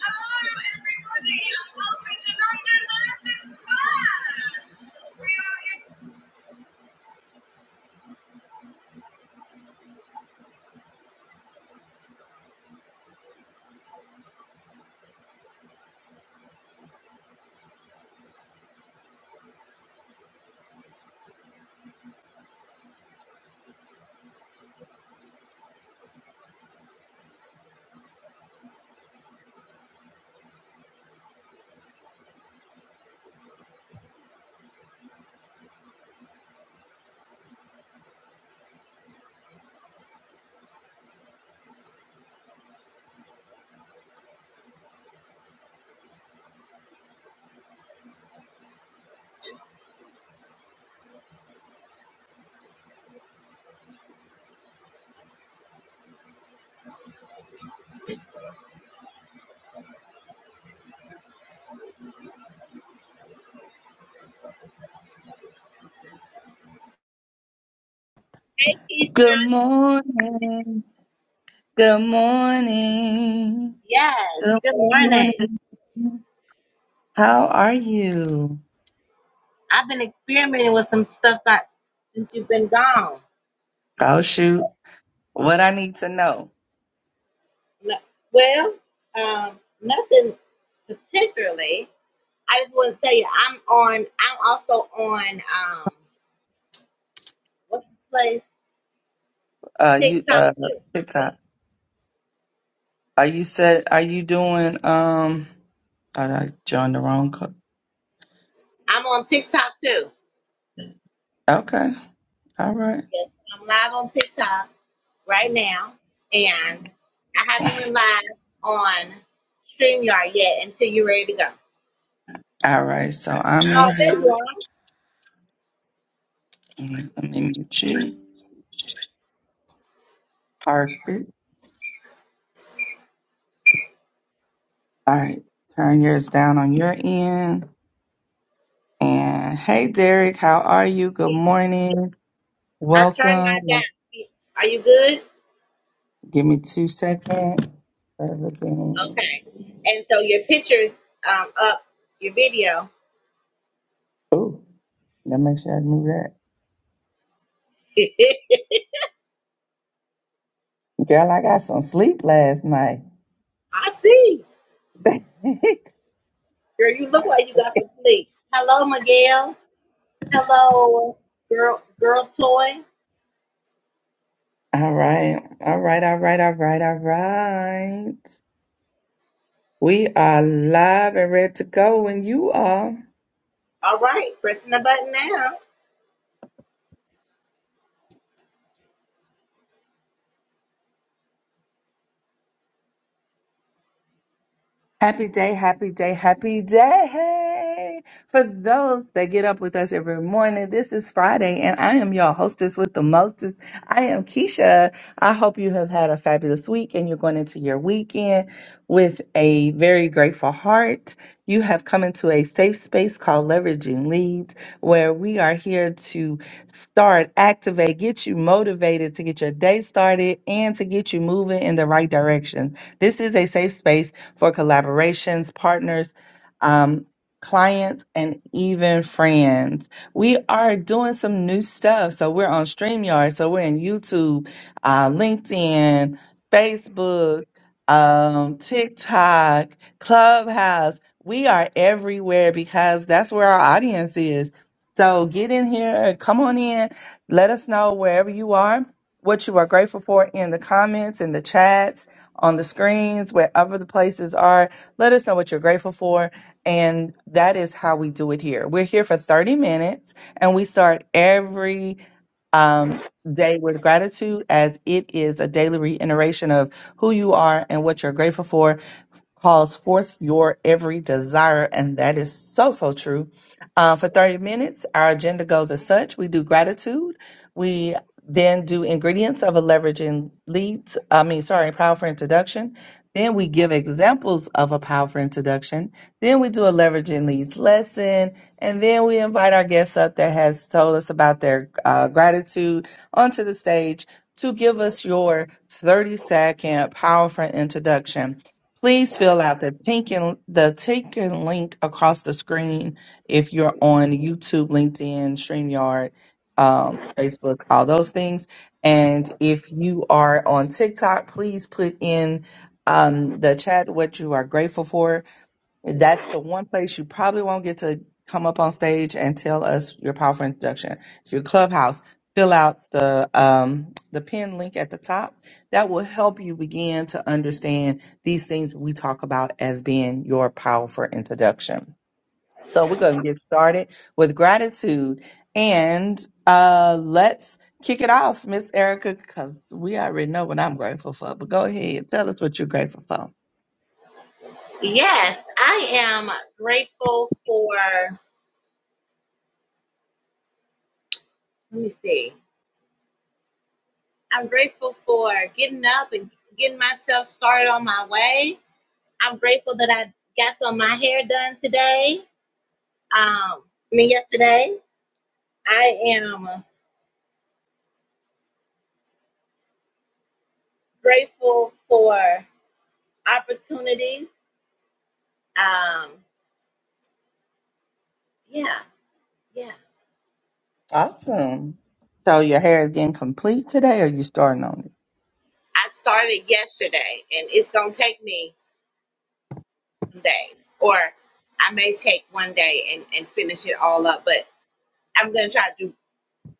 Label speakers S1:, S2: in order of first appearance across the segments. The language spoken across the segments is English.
S1: Hello, everybody, and welcome to London, the Leicester Square. We are in. Hey,
S2: Good
S1: Keisha.
S2: morning. Good morning.
S1: Yes,
S2: Good
S1: good morning.
S2: morning. How are you?
S1: I've been experimenting with some stuff I, since you've been gone.
S2: Oh shoot. What I need to know.
S1: No, well, um, nothing particularly. I just want to tell you, I'm on. I'm also on. Um, what's the place?
S2: Uh you
S1: TikTok
S2: uh
S1: too.
S2: TikTok. Are you said are you doing um oh, I joined the wrong club.
S1: I'm on TikTok too.
S2: Okay. All right.
S1: Yes, I'm live on TikTok. right now, and I haven't went live on StreamYard yet until you're ready to go.
S2: All right. So I'm in
S1: Oh,
S2: here.
S1: there you are.
S2: Let me mute you. Perfect. All right. Turn yours down on your end. And hey Derek, how are you? Good morning.
S1: I turned mine
S2: Welcome.
S1: down. Are you good?
S2: Give me two seconds. Everything.
S1: Okay. And so your picture's um, up, your video.
S2: Ooh, let me make sure I knew that. Girl, I got some sleep last night.
S1: I see.
S2: all
S1: Girl, you look like you got some sleep. Hello, Miguel. Hello, girl, girl toy.
S2: right. All right. All right. All right. All right. We are live and ready to go when you are.
S1: All right, pressing the button now.
S2: Happy day, happy day, happy day. For those that get up with us every morning, this is Friday, and I am your hostess with the mostest. I am Keisha. I hope you have had a fabulous week and you're going into your weekend with a very grateful heart. You have come into a safe space called Leveraging Leads, where we are here to start, activate, get you motivated to get your day started and to get you moving in the right direction. This is a safe space for collaborations, partners, um, clients, and even friends. We are doing some new stuff. So we're on StreamYard, so we're in YouTube, uh, LinkedIn, Facebook, um, TikTok, Clubhouse. We are everywhere because that's where our audience is. So get in here and come on in. Let us know wherever you are, what you are grateful for in the comments, in the chats on the screens, wherever the places are. Let us know what you're grateful for. And that is how we do it here. We're here for 30 minutes and we start every um, day with gratitude as it is a daily reiteration of who you are and what you're grateful for calls forth your every desire. And that is so, so true. Uh, for 30 minutes, our agenda goes as such. We do gratitude. We then do ingredients of a leveraging leads. I mean, sorry, powerful introduction. Then we give examples of a powerful introduction. Then we do a leveraging leads lesson. And then we invite our guests up that has told us about their uh, gratitude onto the stage to give us your 30 second powerful introduction. Please fill out the pink and the taken link across the screen if you're on YouTube, LinkedIn, StreamYard, um, Facebook, all those things. And if you are on TikTok, please put in um, the chat what you are grateful for that's the one place you probably won't get to come up on stage and tell us your powerful introduction. Your clubhouse. Fill out the um, the pin link at the top. That will help you begin to understand these things we talk about as being your powerful introduction. So we're going to get started with gratitude and uh, let's kick it off, Miss Erica, because we already know what I'm grateful for. But go ahead, tell us what you're grateful for.
S1: Yes, I am grateful for, let me see. I'm grateful for getting up and getting myself started on my way. I'm grateful that I got some of my hair done today. Um, I mean yesterday. I am grateful for opportunities. Um, yeah, yeah.
S2: Awesome. So your hair is getting complete today, or you starting on it?
S1: I started yesterday and it's gonna take me some days. Or I may take one day and, and finish it all up, but I'm gonna try to do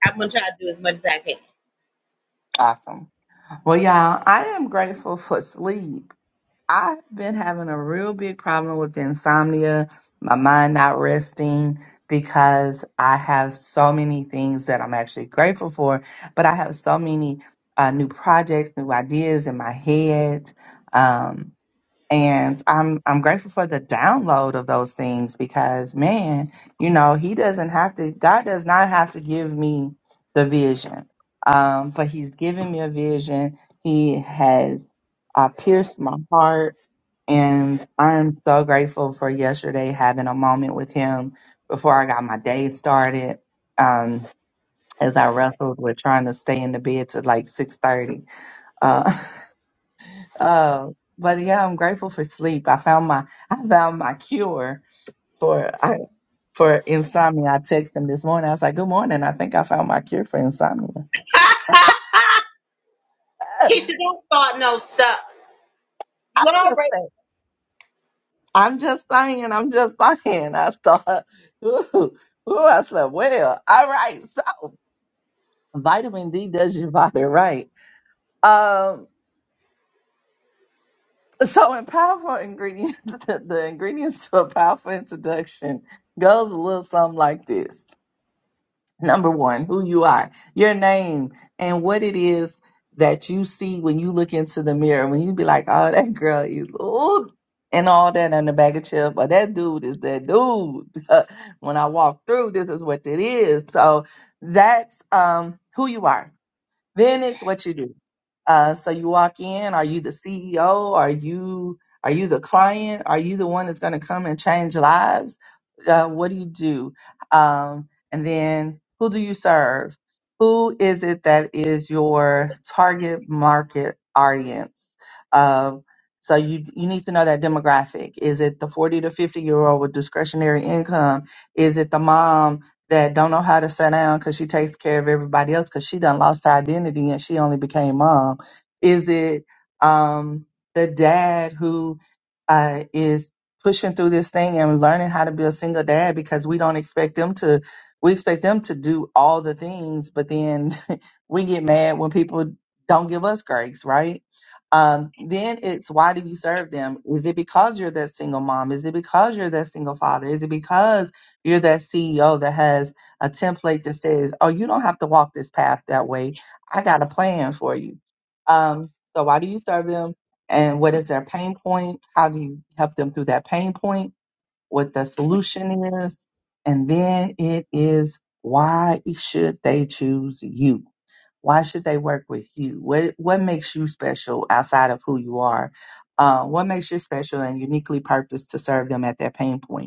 S1: I'm gonna try to do as much as I can.
S2: Awesome. Well, y'all, I am grateful for sleep. I've been having a real big problem with insomnia, my mind not resting because I have so many things that I'm actually grateful for, but I have so many uh, new projects, new ideas in my head. Um, and I'm I'm grateful for the download of those things because man, you know, he doesn't have to God does not have to give me the vision. Um, but he's given me a vision. He has uh, pierced my heart and I'm so grateful for yesterday having a moment with him before I got my day started. Um, as I wrestled with trying to stay in the bed to like six thirty. Uh, uh, but yeah, I'm grateful for sleep. I found my I found my cure for I, for insomnia. I texted him this morning. I was like, "Good morning. I think I found my cure for insomnia."
S1: Keisha,
S2: I'm
S1: don't start no stuff. You
S2: just
S1: already.
S2: saying. I'm just saying. I'm just saying. I start. Ooh, I slept well. All right, so. Vitamin D does your body right. Um, so in powerful ingredients, the ingredients to a powerful introduction goes a little something like this. Number one, who you are, your name, and what it is that you see when you look into the mirror. When you be like, "Oh, that girl is ooh," and all that on the bag of chips, or that dude is that dude. when I walk through, this is what it is. So that's um who you are Then it's what you do. Uh, so you walk in. Are you the CEO? Are you are you the client? Are you the one that's going to come and change lives? Uh, what do you do? Um, and then who do you serve? Who is it that is your target market audience? Um, so you you need to know that demographic. Is it the 40 to 50 year old with discretionary income? Is it the mom that don't know how to sit down because she takes care of everybody else because she done lost her identity and she only became mom? Is it um, the dad who uh, is pushing through this thing and learning how to be a single dad because we don't expect them to? We expect them to do all the things, but then we get mad when people don't give us grace, right? Um, then it's why do you serve them? Is it because you're that single mom? Is it because you're that single father? Is it because you're that CEO that has a template that says, oh, you don't have to walk this path that way. I got a plan for you. Um, so, why do you serve them? And what is their pain point? How do you help them through that pain point? What the solution is? And then it is why should they choose you? Why should they work with you? What what makes you special outside of who you are? Uh, what makes you special and uniquely purposed to serve them at their pain point?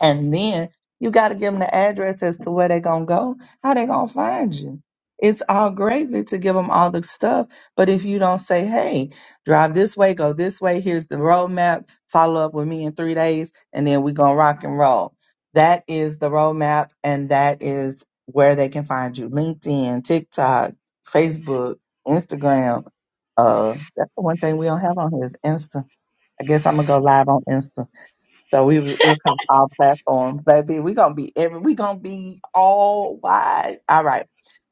S2: And then you got to give them the address as to where they're going to go, how they going to find you. It's all gravy to give them all the stuff. But if you don't say, hey, drive this way, go this way, here's the roadmap, follow up with me in three days, and then we're going to rock and roll. That is the roadmap, and that is where they can find you LinkedIn, TikTok, Facebook, Instagram. Uh, that's the one thing we don't have on here is Insta. I guess I'm going to go live on Insta. So we welcome all platforms, baby. We're gonna be every we're gonna be all wide. All right.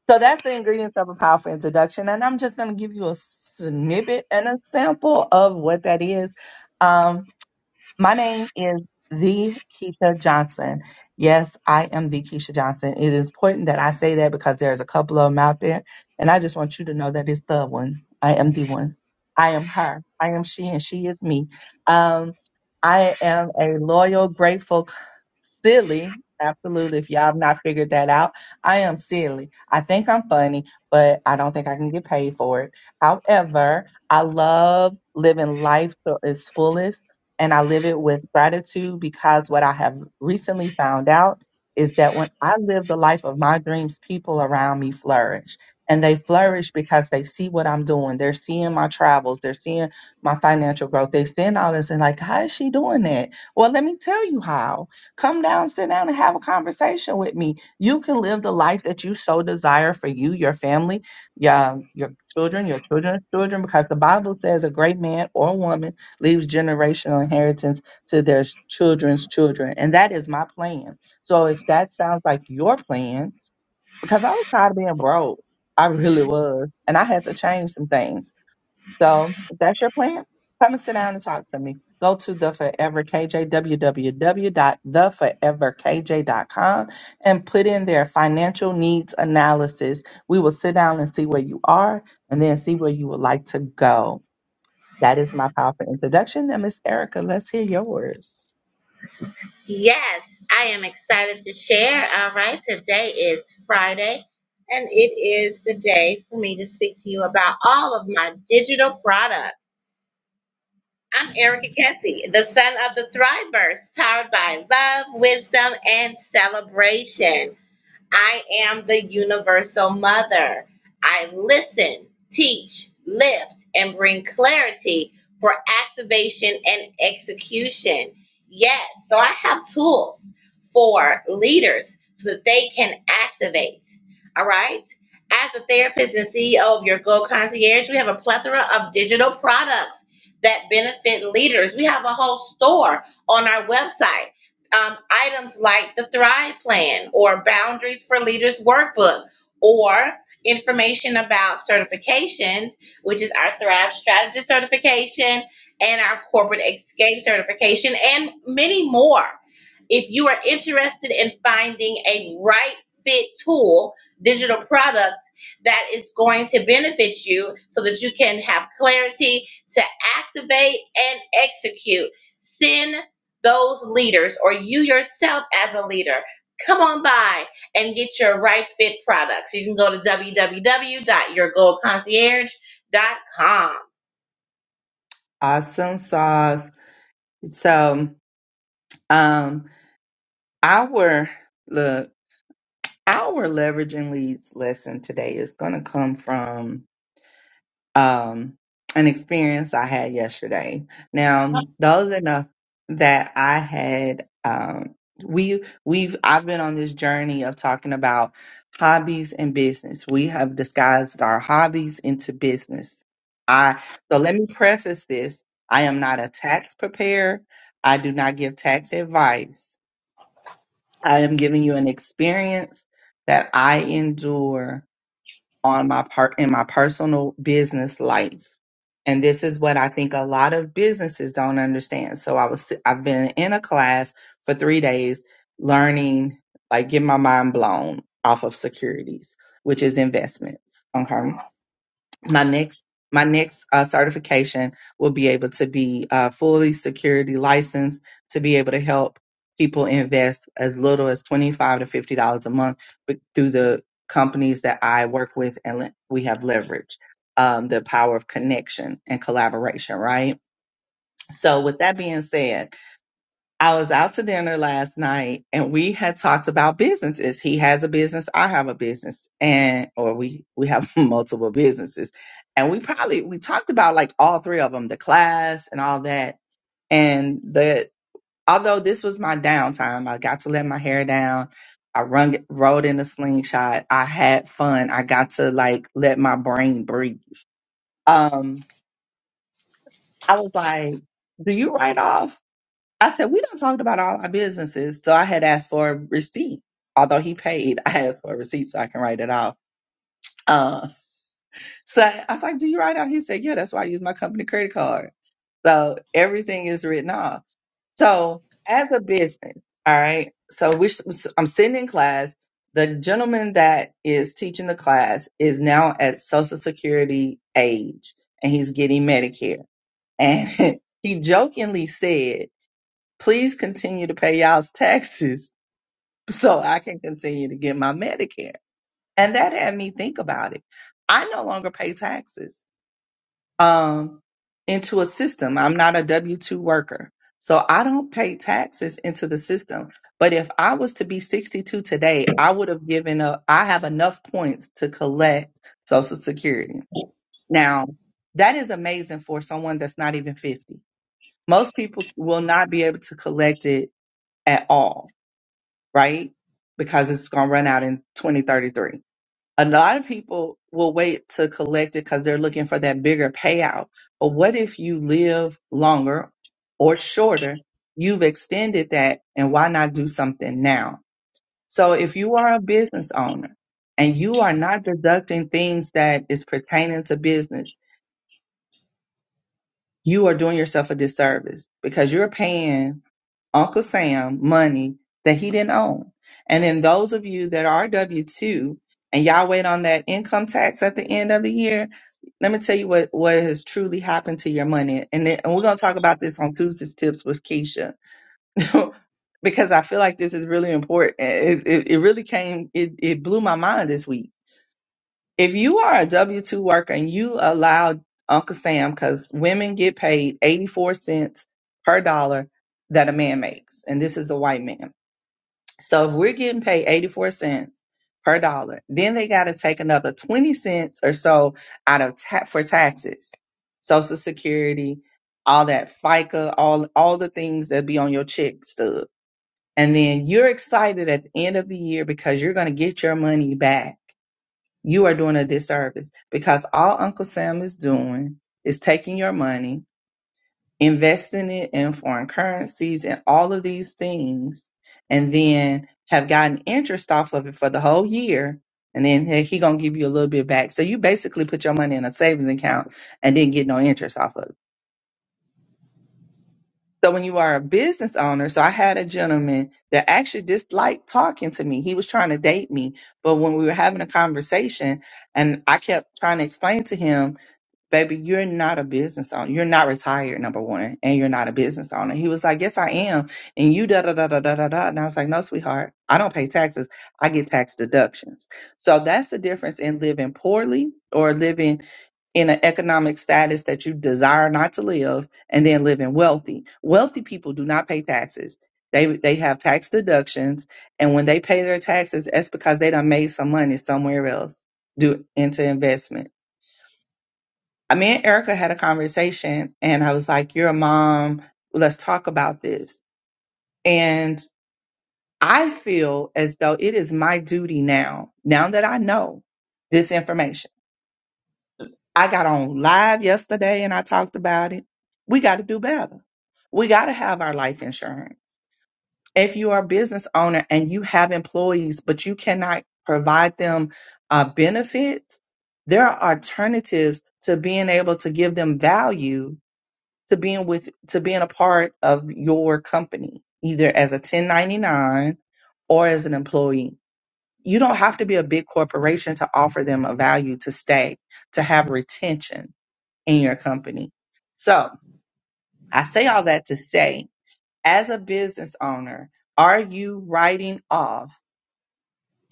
S2: So that's the ingredients of a powerful introduction. And I'm just gonna give you a snippet and a sample of what that is. Um, my name is the Keisha Johnson. Yes, I am the Keisha Johnson. It is important that I say that because there's a couple of them out there, and I just want you to know that it's the one. I am the one. I am her. I am she, and she is me. Um, I am a loyal, grateful silly. Absolutely. If y'all have not figured that out, I am silly. I think I'm funny, but I don't think I can get paid for it. However, I love living life to its fullest and I live it with gratitude because what I have recently found out is that when I live the life of my dreams, people around me flourish. And they flourish because they see what I'm doing. They're seeing my travels. They're seeing my financial growth. They're seeing all this and like, how is she doing that? Well, let me tell you how. Come down, sit down, and have a conversation with me. You can live the life that you so desire for you, your family, your, your children, your children's children, because the Bible says a great man or woman leaves generational inheritance to their s- children's children. And that is my plan. So if that sounds like your plan, because I was tired of being broke, I really was. And I had to change some things. So if that's your plan, come and sit down and talk to me. Go to the Forever KJ, dot the forever k j dot com and put in their financial needs analysis. We will sit down and see where you are and then see where you would like to go. That is my powerful introduction. And Miss Erica, let's hear yours.
S1: Yes, I am excited to share. All right, today is Friday, and it is the day for me to speak to you about all of my digital products. I'm Erica Kessie, the son of the Thrivers, powered by love, wisdom, and celebration. I am the universal mother. I listen, teach, lift, and bring clarity for activation and execution. Yes, so I have tools for leaders so that they can activate. All right. As a therapist and CEO of your goal Concierge, we have a plethora of digital products that benefit leaders. We have a whole store on our website um, items like the Thrive Plan or Boundaries for Leaders Workbook or information about certifications, which is our Thrive Strategist certification and our Corporate Escape certification, and many more. If you are interested in finding a right fit tool, digital product that is going to benefit you so that you can have clarity to activate and execute, send those leaders or you yourself as a leader, come on by and get your right fit products. You can go to www.yourgoldconcierge.com.
S2: Awesome sauce. So, um, our look, our leveraging leads lesson today is going to come from um, an experience I had yesterday. Now, those are enough that I had. Um, we we've I've been on this journey of talking about hobbies and business. We have disguised our hobbies into business. I so let me preface this. I am not a tax preparer. I do not give tax advice. I am giving you an experience that I endure on my part in my personal business life. And this is what I think a lot of businesses don't understand. So I was I've been in a class for 3 days learning like get my mind blown off of securities, which is investments. Okay my next my next uh, certification will be able to be uh, fully security licensed to be able to help people invest as little as twenty five to fifty dollars a month with- through the companies that I work with and le- we have leveraged um, the power of connection and collaboration. Right. So with that being said, I was out to dinner last night and we had talked about businesses. He has a business, I have a business, and or we we have multiple businesses. And we probably we talked about like all three of them, the class and all that. And the although this was my downtime, I got to let my hair down. I run rode in a slingshot. I had fun. I got to like let my brain breathe. Um I was like, do you write off? I said, we don't talk about all our businesses. So I had asked for a receipt. Although he paid, I had for a receipt so I can write it off. Uh, so I was like, do you write off? He said, yeah, that's why I use my company credit card. So everything is written off. So as a business, all right. So we, I'm sitting in class. The gentleman that is teaching the class is now at social security age and he's getting Medicare. And he jokingly said, please continue to pay y'all's taxes so I can continue to get my Medicare. And that had me think about it. I no longer pay taxes um, into a system. I'm not a W 2 worker. So I don't pay taxes into the system. But if I was to be 62 today, I would have given up. I have enough points to collect Social Security. Now, that is amazing for someone that's not even 50. Most people will not be able to collect it at all right? Because it's going to run out in 2033. A lot of people will wait to collect it because they're looking for that bigger payout. But what if you live longer or shorter? You've extended that, and why not do something now? So if you are a business owner and you are not deducting things that is pertaining to business, you are doing yourself a disservice because you're paying Uncle Sam money that he didn't own. And then those of you that are W 2 and y'all wait on that income tax at the end of the year, let me tell you what, what has truly happened to your money. And, then, and we're going to talk about this on Tuesday's Tips with Keisha. because I feel like this is really important. It, it, it really came, it, it blew my mind this week if you are a W 2 worker and you allow Uncle Sam, because women get paid 84 cents per dollar that a man makes, and this is the white man. So if we're getting paid 84 cents per dollar, then they got to take another 20 cents or so out of ta- for taxes, Social Security, all that FICA, all all the things that be on your check stub. And then you're excited at the end of the year because you're going to get your money back you are doing a disservice because all Uncle Sam is doing is taking your money, investing it in foreign currencies and all of these things, and then have gotten interest off of it for the whole year. And then he he gonna give you a little bit back. So you basically put your money in a savings account and didn't get no interest off of it. So when you are a business owner, so I had a gentleman that actually disliked talking to me. He was trying to date me, but when we were having a conversation, and I kept trying to explain to him baby, you're not a business owner. You're not retired, number one, and you're not a business owner. He was like, Yes, I am. And you da da da da da da da. And I was like, No, sweetheart, I don't pay taxes. I get tax deductions. So that's the difference in living poorly or living in an economic status that you desire not to live and then living wealthy. Wealthy people do not pay taxes. They they have tax deductions and when they pay their taxes, that's because they done made some money somewhere else do into investments me and Erica had a conversation and I was like, You're a mom. Let's talk about this. And I feel as though it is my duty now, now that I know this information. I got on live yesterday and I talked about it. We got to do better. We got to have our life insurance. If you are a business owner and you have employees, but you cannot provide them uh, benefits, there are alternatives to being able to give them value to being with to being a part of your company, either as a 1099 or as an employee. You don't have to be a big corporation to offer them a value to stay, to have retention in your company. So I say all that to say, as a business owner, are you writing off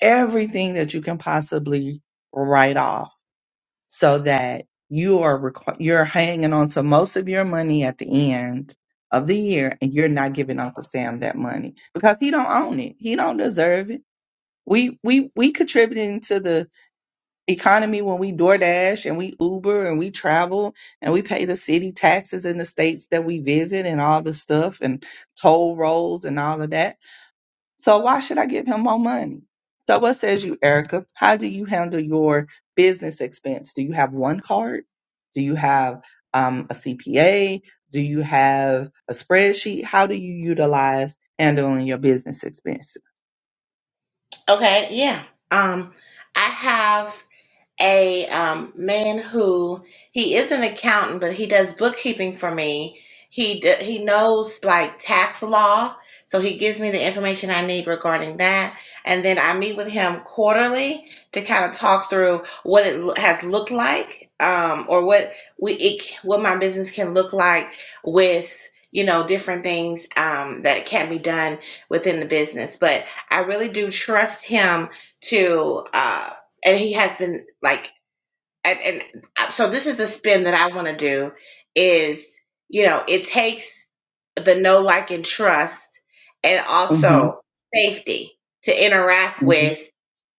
S2: everything that you can possibly write off? so that you are requ- you're hanging on to most of your money at the end of the year and you're not giving Uncle Sam that money because he don't own it. He don't deserve it. We we we contributing to the economy when we DoorDash and we Uber and we travel and we pay the city taxes in the states that we visit and all the stuff and toll rolls and all of that so why should I give him more money? So what says you, Erica? How do you handle your business expense? Do you have one card? Do you have um, a CPA? Do you have a spreadsheet? How do you utilize handling your business expenses?
S1: Okay, yeah. Um, I have. a um, man who he is an accountant, but he does bookkeeping for me. He d- he knows like tax law, so he gives me the information I need regarding that. And then I meet with him quarterly to kind of talk through what it lo- has looked like, um, or what we it, c- what my business can look like with you know different things um, that can be done within the business. But I really do trust him to. Uh, and he has been like and, and uh, so this is the spin that i want to do is you know it takes the know like and trust and
S2: hmm
S1: also safety to interact
S2: hmm
S1: with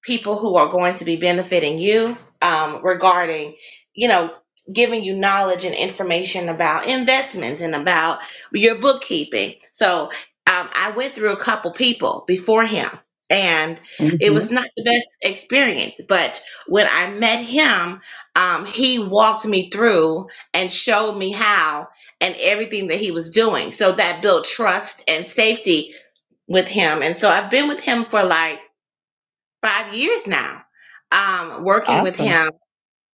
S1: people who are going to be benefiting you um, regarding, you know, giving you knowledge and information about investments and about your bookkeeping. So um, I went through a couple people before him, and it
S2: hmm
S1: was not the best experience. But when I met him, um, he walked me through and showed me how and everything that he was doing. So that built trust and safety with him. And so I've been with him for like five years now um working with
S2: Awesome.
S1: him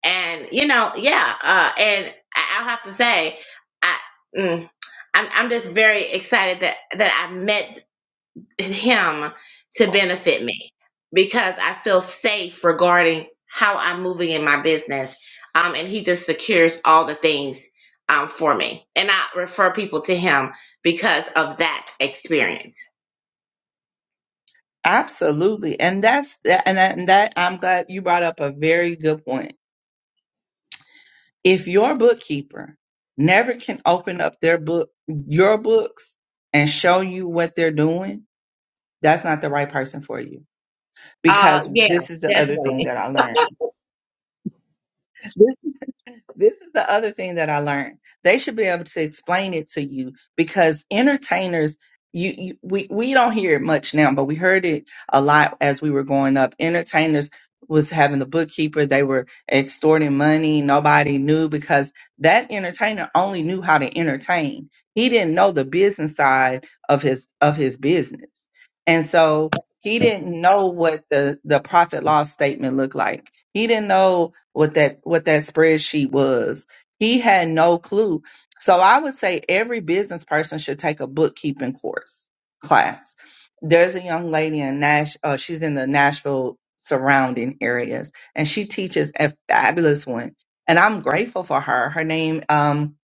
S1: and you know yeah uh and I- i'll have to say i mm, I'm, I'm just very excited that that i met him to benefit me because i feel safe regarding how i'm moving in my business um and he just secures all the things um for me and i refer people to him because of that experience
S2: Absolutely. And that's that, and that, and that I'm glad you brought up a very good point. If your bookkeeper never can open up their book, your books and show you what they're doing, That's not the right person for you.
S1: Uh,
S2: Because
S1: yeah,
S2: this is the other thing
S1: definitely.
S2: that I learned. This is the other thing that I learned. They should be able to explain it to you because entertainers, you, you we we don't hear it much now, but we heard it a lot as we were growing up. Entertainers was having the bookkeeper, they were extorting money, nobody knew because that entertainer only knew how to entertain. He didn't know the business side of his of his business. And so he didn't know what the, the profit loss statement looked like. He didn't know what that what that spreadsheet was. He had no clue. So I would say every business person should take a bookkeeping course class. There's a young lady in Nash. Uh, she's in the Nashville surrounding areas, and she teaches a fabulous one. And I'm grateful for her. Her name um,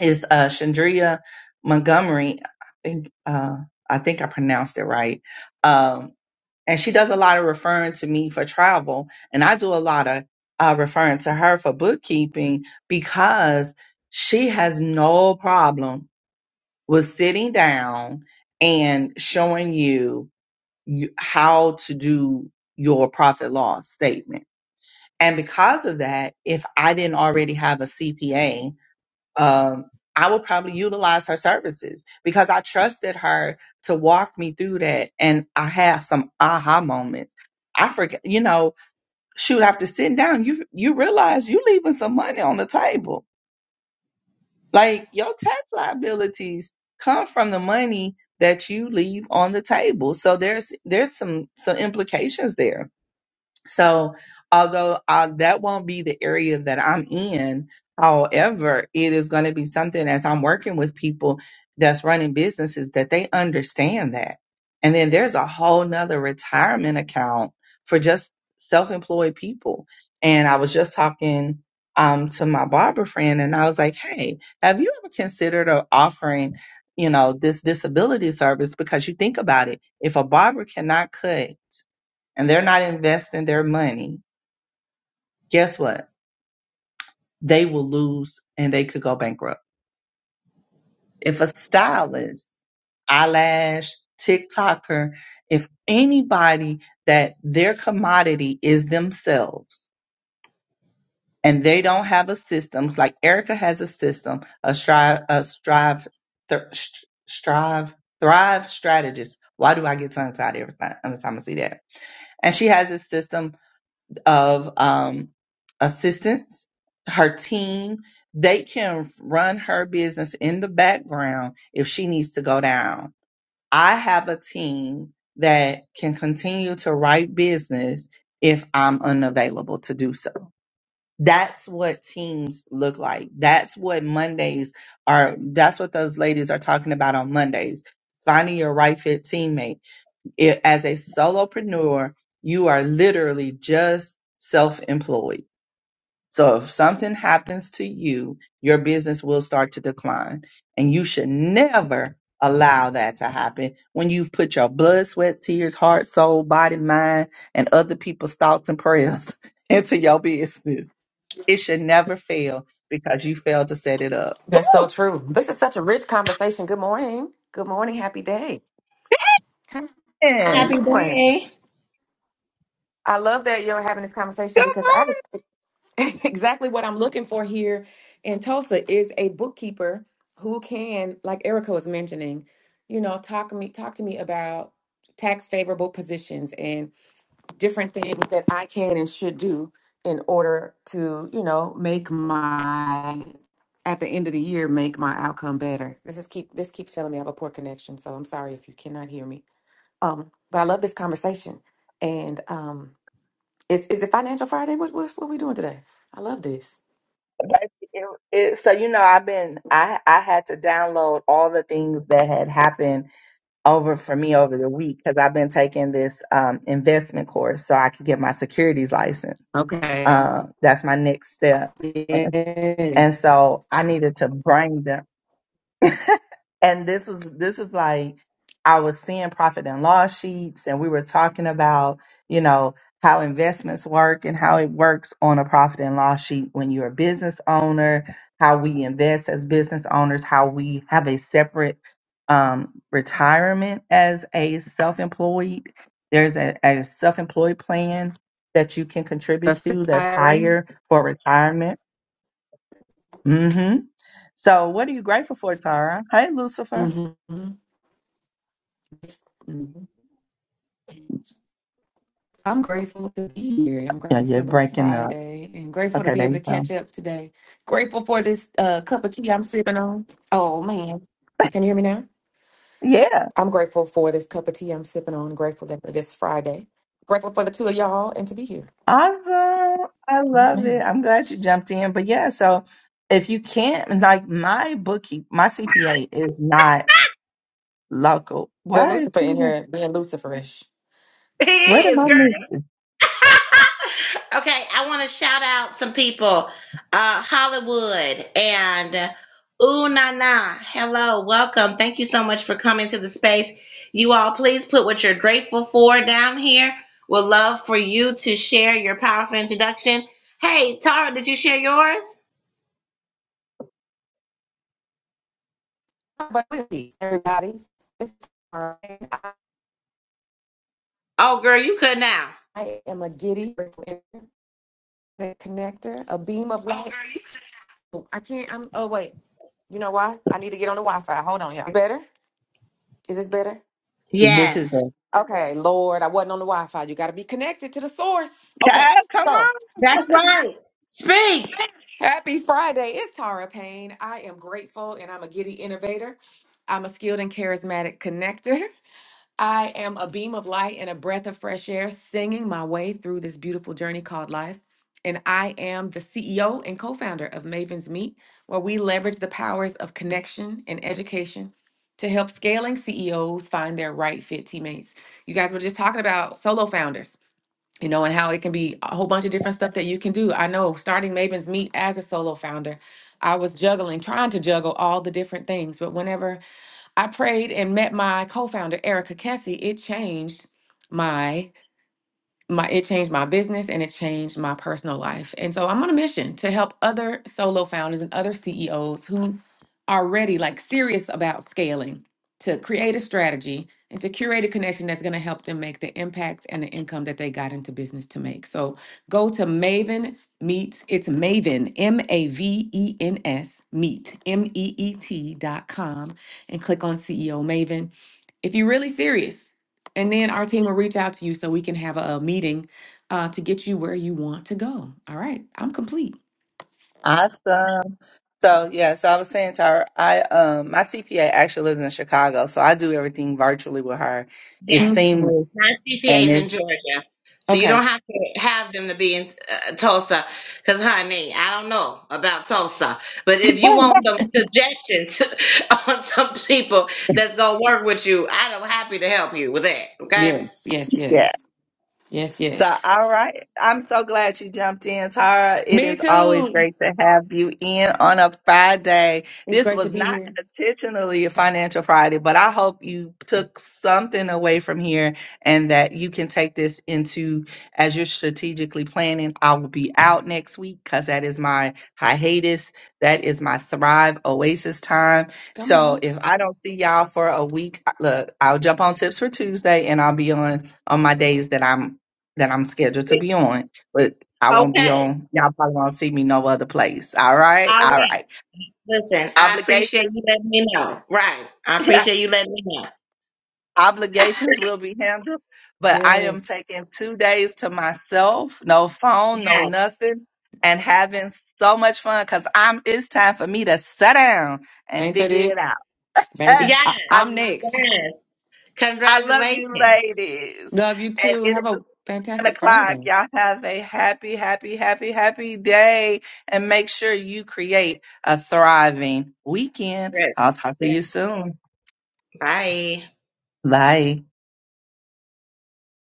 S2: is uh, Chandria Montgomery. I think uh, I think I pronounced it right. Um, and she does a lot of referring to me for travel and i do a lot of uh, referring to her for bookkeeping because she has no problem with sitting down and showing you you- how to do your profit loss statement and because of that if i didn't already have a cpa um, I would probably utilize her services because I trusted her to walk me through that. And I have some aha moments. I forget, you know, shoot, after sitting down, you you realize you leaving some money on the table. Like your tax liabilities come from the money that you leave on the table. So there's there's some some implications there so, although uh, that won't be the area that I'm in, however, it is going to be something as I'm working with people that's running businesses that they understand that. And then there's a whole nother retirement account for just self employed people. And I was just talking um, to my barber friend, and I was like, hey, have you ever considered uh, offering? You know, this disability service because you think about it. If a barber cannot cut and they're not investing their money, guess what? They will lose and they could go bankrupt. If a stylist, eyelash, TikToker, if anybody that their commodity is themselves and they don't have a system, like Erica has a system, a strive, a strive, thr- sh- strive, thrive strategist. Why do I get tongue tied every time, every time I see that? And she has a system of um, assistants, her team. They can run her business in the background if she needs to go down. I have a team that can continue to write business if I'm unavailable to do so. That's what teams look like. That's what Mondays are. That's what those ladies are talking about on Mondays. Finding your right fit teammate it, as a solopreneur, you are literally just self-employed. So if something happens to you, your business will start to decline and you should never allow that to happen when you've put your blood, sweat, tears, heart, soul, body, mind, and other people's thoughts and prayers into your business. It should never fail because you failed to set it up.
S3: That's so
S2: Ooh,
S3: true. This is such a rich conversation. Good morning. Good morning. Happy day. Hi.
S2: man.
S1: Happy
S3: Good morning.
S1: birthday.
S3: I love that you're having this conversation because
S2: Come
S3: that is exactly what I'm looking for here in Tulsa is a bookkeeper who can, like Erica was mentioning, you know, talk me talk to me about tax favorable positions different things that I can and should do in order to, you know, make my at the end of the year make my outcome better. This is keep this keeps telling me I have a poor connection, so I'm sorry if you cannot hear me. Um, but I love this conversation. And um is is it financial Friday? What what what are we doing today? I love this.
S2: It, it, so you know, I've been I I had to download all the things that had happened over for me over the week because I've been taking this um, investment course so I could get my securities license.
S3: Okay.
S2: Um, that's my next step, and, and
S3: Yes.
S2: so I needed to bring them. and this is this is like I was seeing profit and loss sheets, and we were talking about you know how investments work and how it works on a profit and loss sheet when you're a business owner, how we invest as business owners, how we have a separate um, retirement as a self-employed. There's a, a self-employed plan that you can
S3: The
S2: contribute to
S3: Fifth
S2: that's
S3: diary.
S2: higher for retirement. hmm So, what are you grateful for, Tara? Hey, Lucifer.
S3: hmm I'm grateful to be here. I'm
S2: Yeah,
S3: grateful for
S2: you're
S3: this
S2: breaking up.
S3: Friday and grateful to
S2: Okay,
S3: be
S2: there
S3: able
S2: you
S3: to
S2: go.
S3: catch up today. Grateful for this uh, cup of tea I'm sipping on. Oh, man. Can you hear me now?
S2: Yeah,
S3: I'm grateful for this cup of tea I'm sipping on. Grateful that this Friday. Grateful for the two of y'all and to be here.
S2: awesome. I
S3: Yes,
S2: love it.
S3: ma'am.
S2: I'm glad you jumped in. But yeah, so if you can't, like my bookkeep, my CPA is not local.
S3: Girl,
S2: Why is
S3: Lucifer
S2: she
S3: in
S2: not?
S3: here being Luciferish.
S1: He
S2: Where did
S1: is,
S2: my
S1: girl.
S2: move?
S3: Mhm.
S1: okay, I want to shout out some people. Uh, Hollywood and uh, Ooh Na Hello, welcome. Thank you so much for coming to the space. You all, please put what you're grateful for down here. Would love for you to share your powerful introduction. Hey, Tara, did you share yours?
S3: But really, everybody, right. I,
S1: Oh, girl, you could now.
S3: am a giddy connector, a beam of light. Oh, I can't. I'm. Oh wait. You know why? I need to get on the Wi-Fi. Hold on, y'all. Better? Is this better?
S2: This is a
S1: Yes.
S3: Okay, Lord, I wasn't on the Wi-Fi. You got to be connected to the source. Okay,
S2: child. Come
S3: so
S2: on.
S1: That's right. Speak.
S3: happy Friday. It's Tara Payne. I am grateful, and I'm a giddy innovator. I'm a skilled and charismatic connector. I am a beam of light and a breath of fresh air singing my way through this beautiful journey called life. And I am the CEO and co founder of Maven's Meet, where we leverage the powers of connection and education to help scaling CEOs find their right fit teammates. You guys were just talking about solo founders, you know, and how it can be a whole bunch of different stuff that you can do. I know starting Maven's Meet as a solo founder, I was juggling, trying to juggle all the different things, but whenever I prayed and met my co founder, Erica Kessie. It changed my my it changed my business and it changed my personal life. And so I'm on a mission to help other solo founders and other CEOs who are ready, like serious about scaling, to create a strategy and to curate a connection that's going to help them make the impact and the income that they got into business to make. So go to Maven Meet. It's Maven M A V E N S Meet M E E T dot com and click on CEO Maven if you're really serious and then our team will reach out to you so we can have a, a meeting uh, to get you where you want to go. All right. I'm complete.
S2: Awesome. So yeah, so I was saying to her, I um my CPA actually lives in Chicago, so I do everything virtually with her.
S1: Yes.
S2: It's
S3: hmm
S2: seamless
S1: Not
S2: and
S1: CPAs in
S2: it's
S1: Georgia. So you
S3: Okay.
S1: don't have to have them to be in uh, Tulsa. Because, honey, I don't know about Tulsa. But if you want some suggestions on some people that's going to work with you, I'm happy to help you with that. Okay?
S3: Yes, yes,
S2: yeah.
S3: yes. Yes,
S2: So,
S3: yes.
S2: all right. I'm so glad you jumped in, Tara. It
S3: Me
S2: is always
S3: too.
S2: great to have you in on a Friday.
S3: It's
S2: This
S3: great to
S2: was
S3: be
S2: not
S3: here.
S2: intentionally a Financial Friday, but I hope you took something away from here and that you can take this into as you're strategically planning. I will be out next week because that is my hiatus. That is my Thrive Oasis time.
S3: Come
S2: So,
S3: on.
S2: if I don't see y'all for a week, look, I'll jump on tips for Tuesday and I'll be on on my days that I'm that I'm scheduled to be on, but I won't be
S1: Okay.
S2: on. Y'all probably won't see me no other place. All right,
S1: All
S2: all
S1: right.
S2: right.
S1: Listen, I appreciate
S2: Obligations,
S1: you letting me know. Right. I appreciate you letting me know.
S2: obligations will be handled, but I am
S3: Yes.
S2: taking two days to myself, no phone, no
S1: Yeah.
S2: nothing, and having so much fun because I'm. It's time for me to sit down and
S3: Ain't that
S2: figure
S3: it,
S2: it out.
S3: baby?
S1: Yeah.
S3: I-
S2: I
S3: I'm next.
S1: Yes.
S2: I love
S1: Congratulations.
S2: you, ladies,
S3: Love you
S2: and
S3: too.
S2: it
S3: Have a
S2: nine
S3: fantastic
S2: o'clock.
S3: Friday.
S2: Y'all have a happy, happy, happy, happy day. And make sure you create a thriving weekend.
S1: Yes.
S2: I'll talk to
S1: Yes.
S2: you soon.
S1: Bye.
S2: Bye.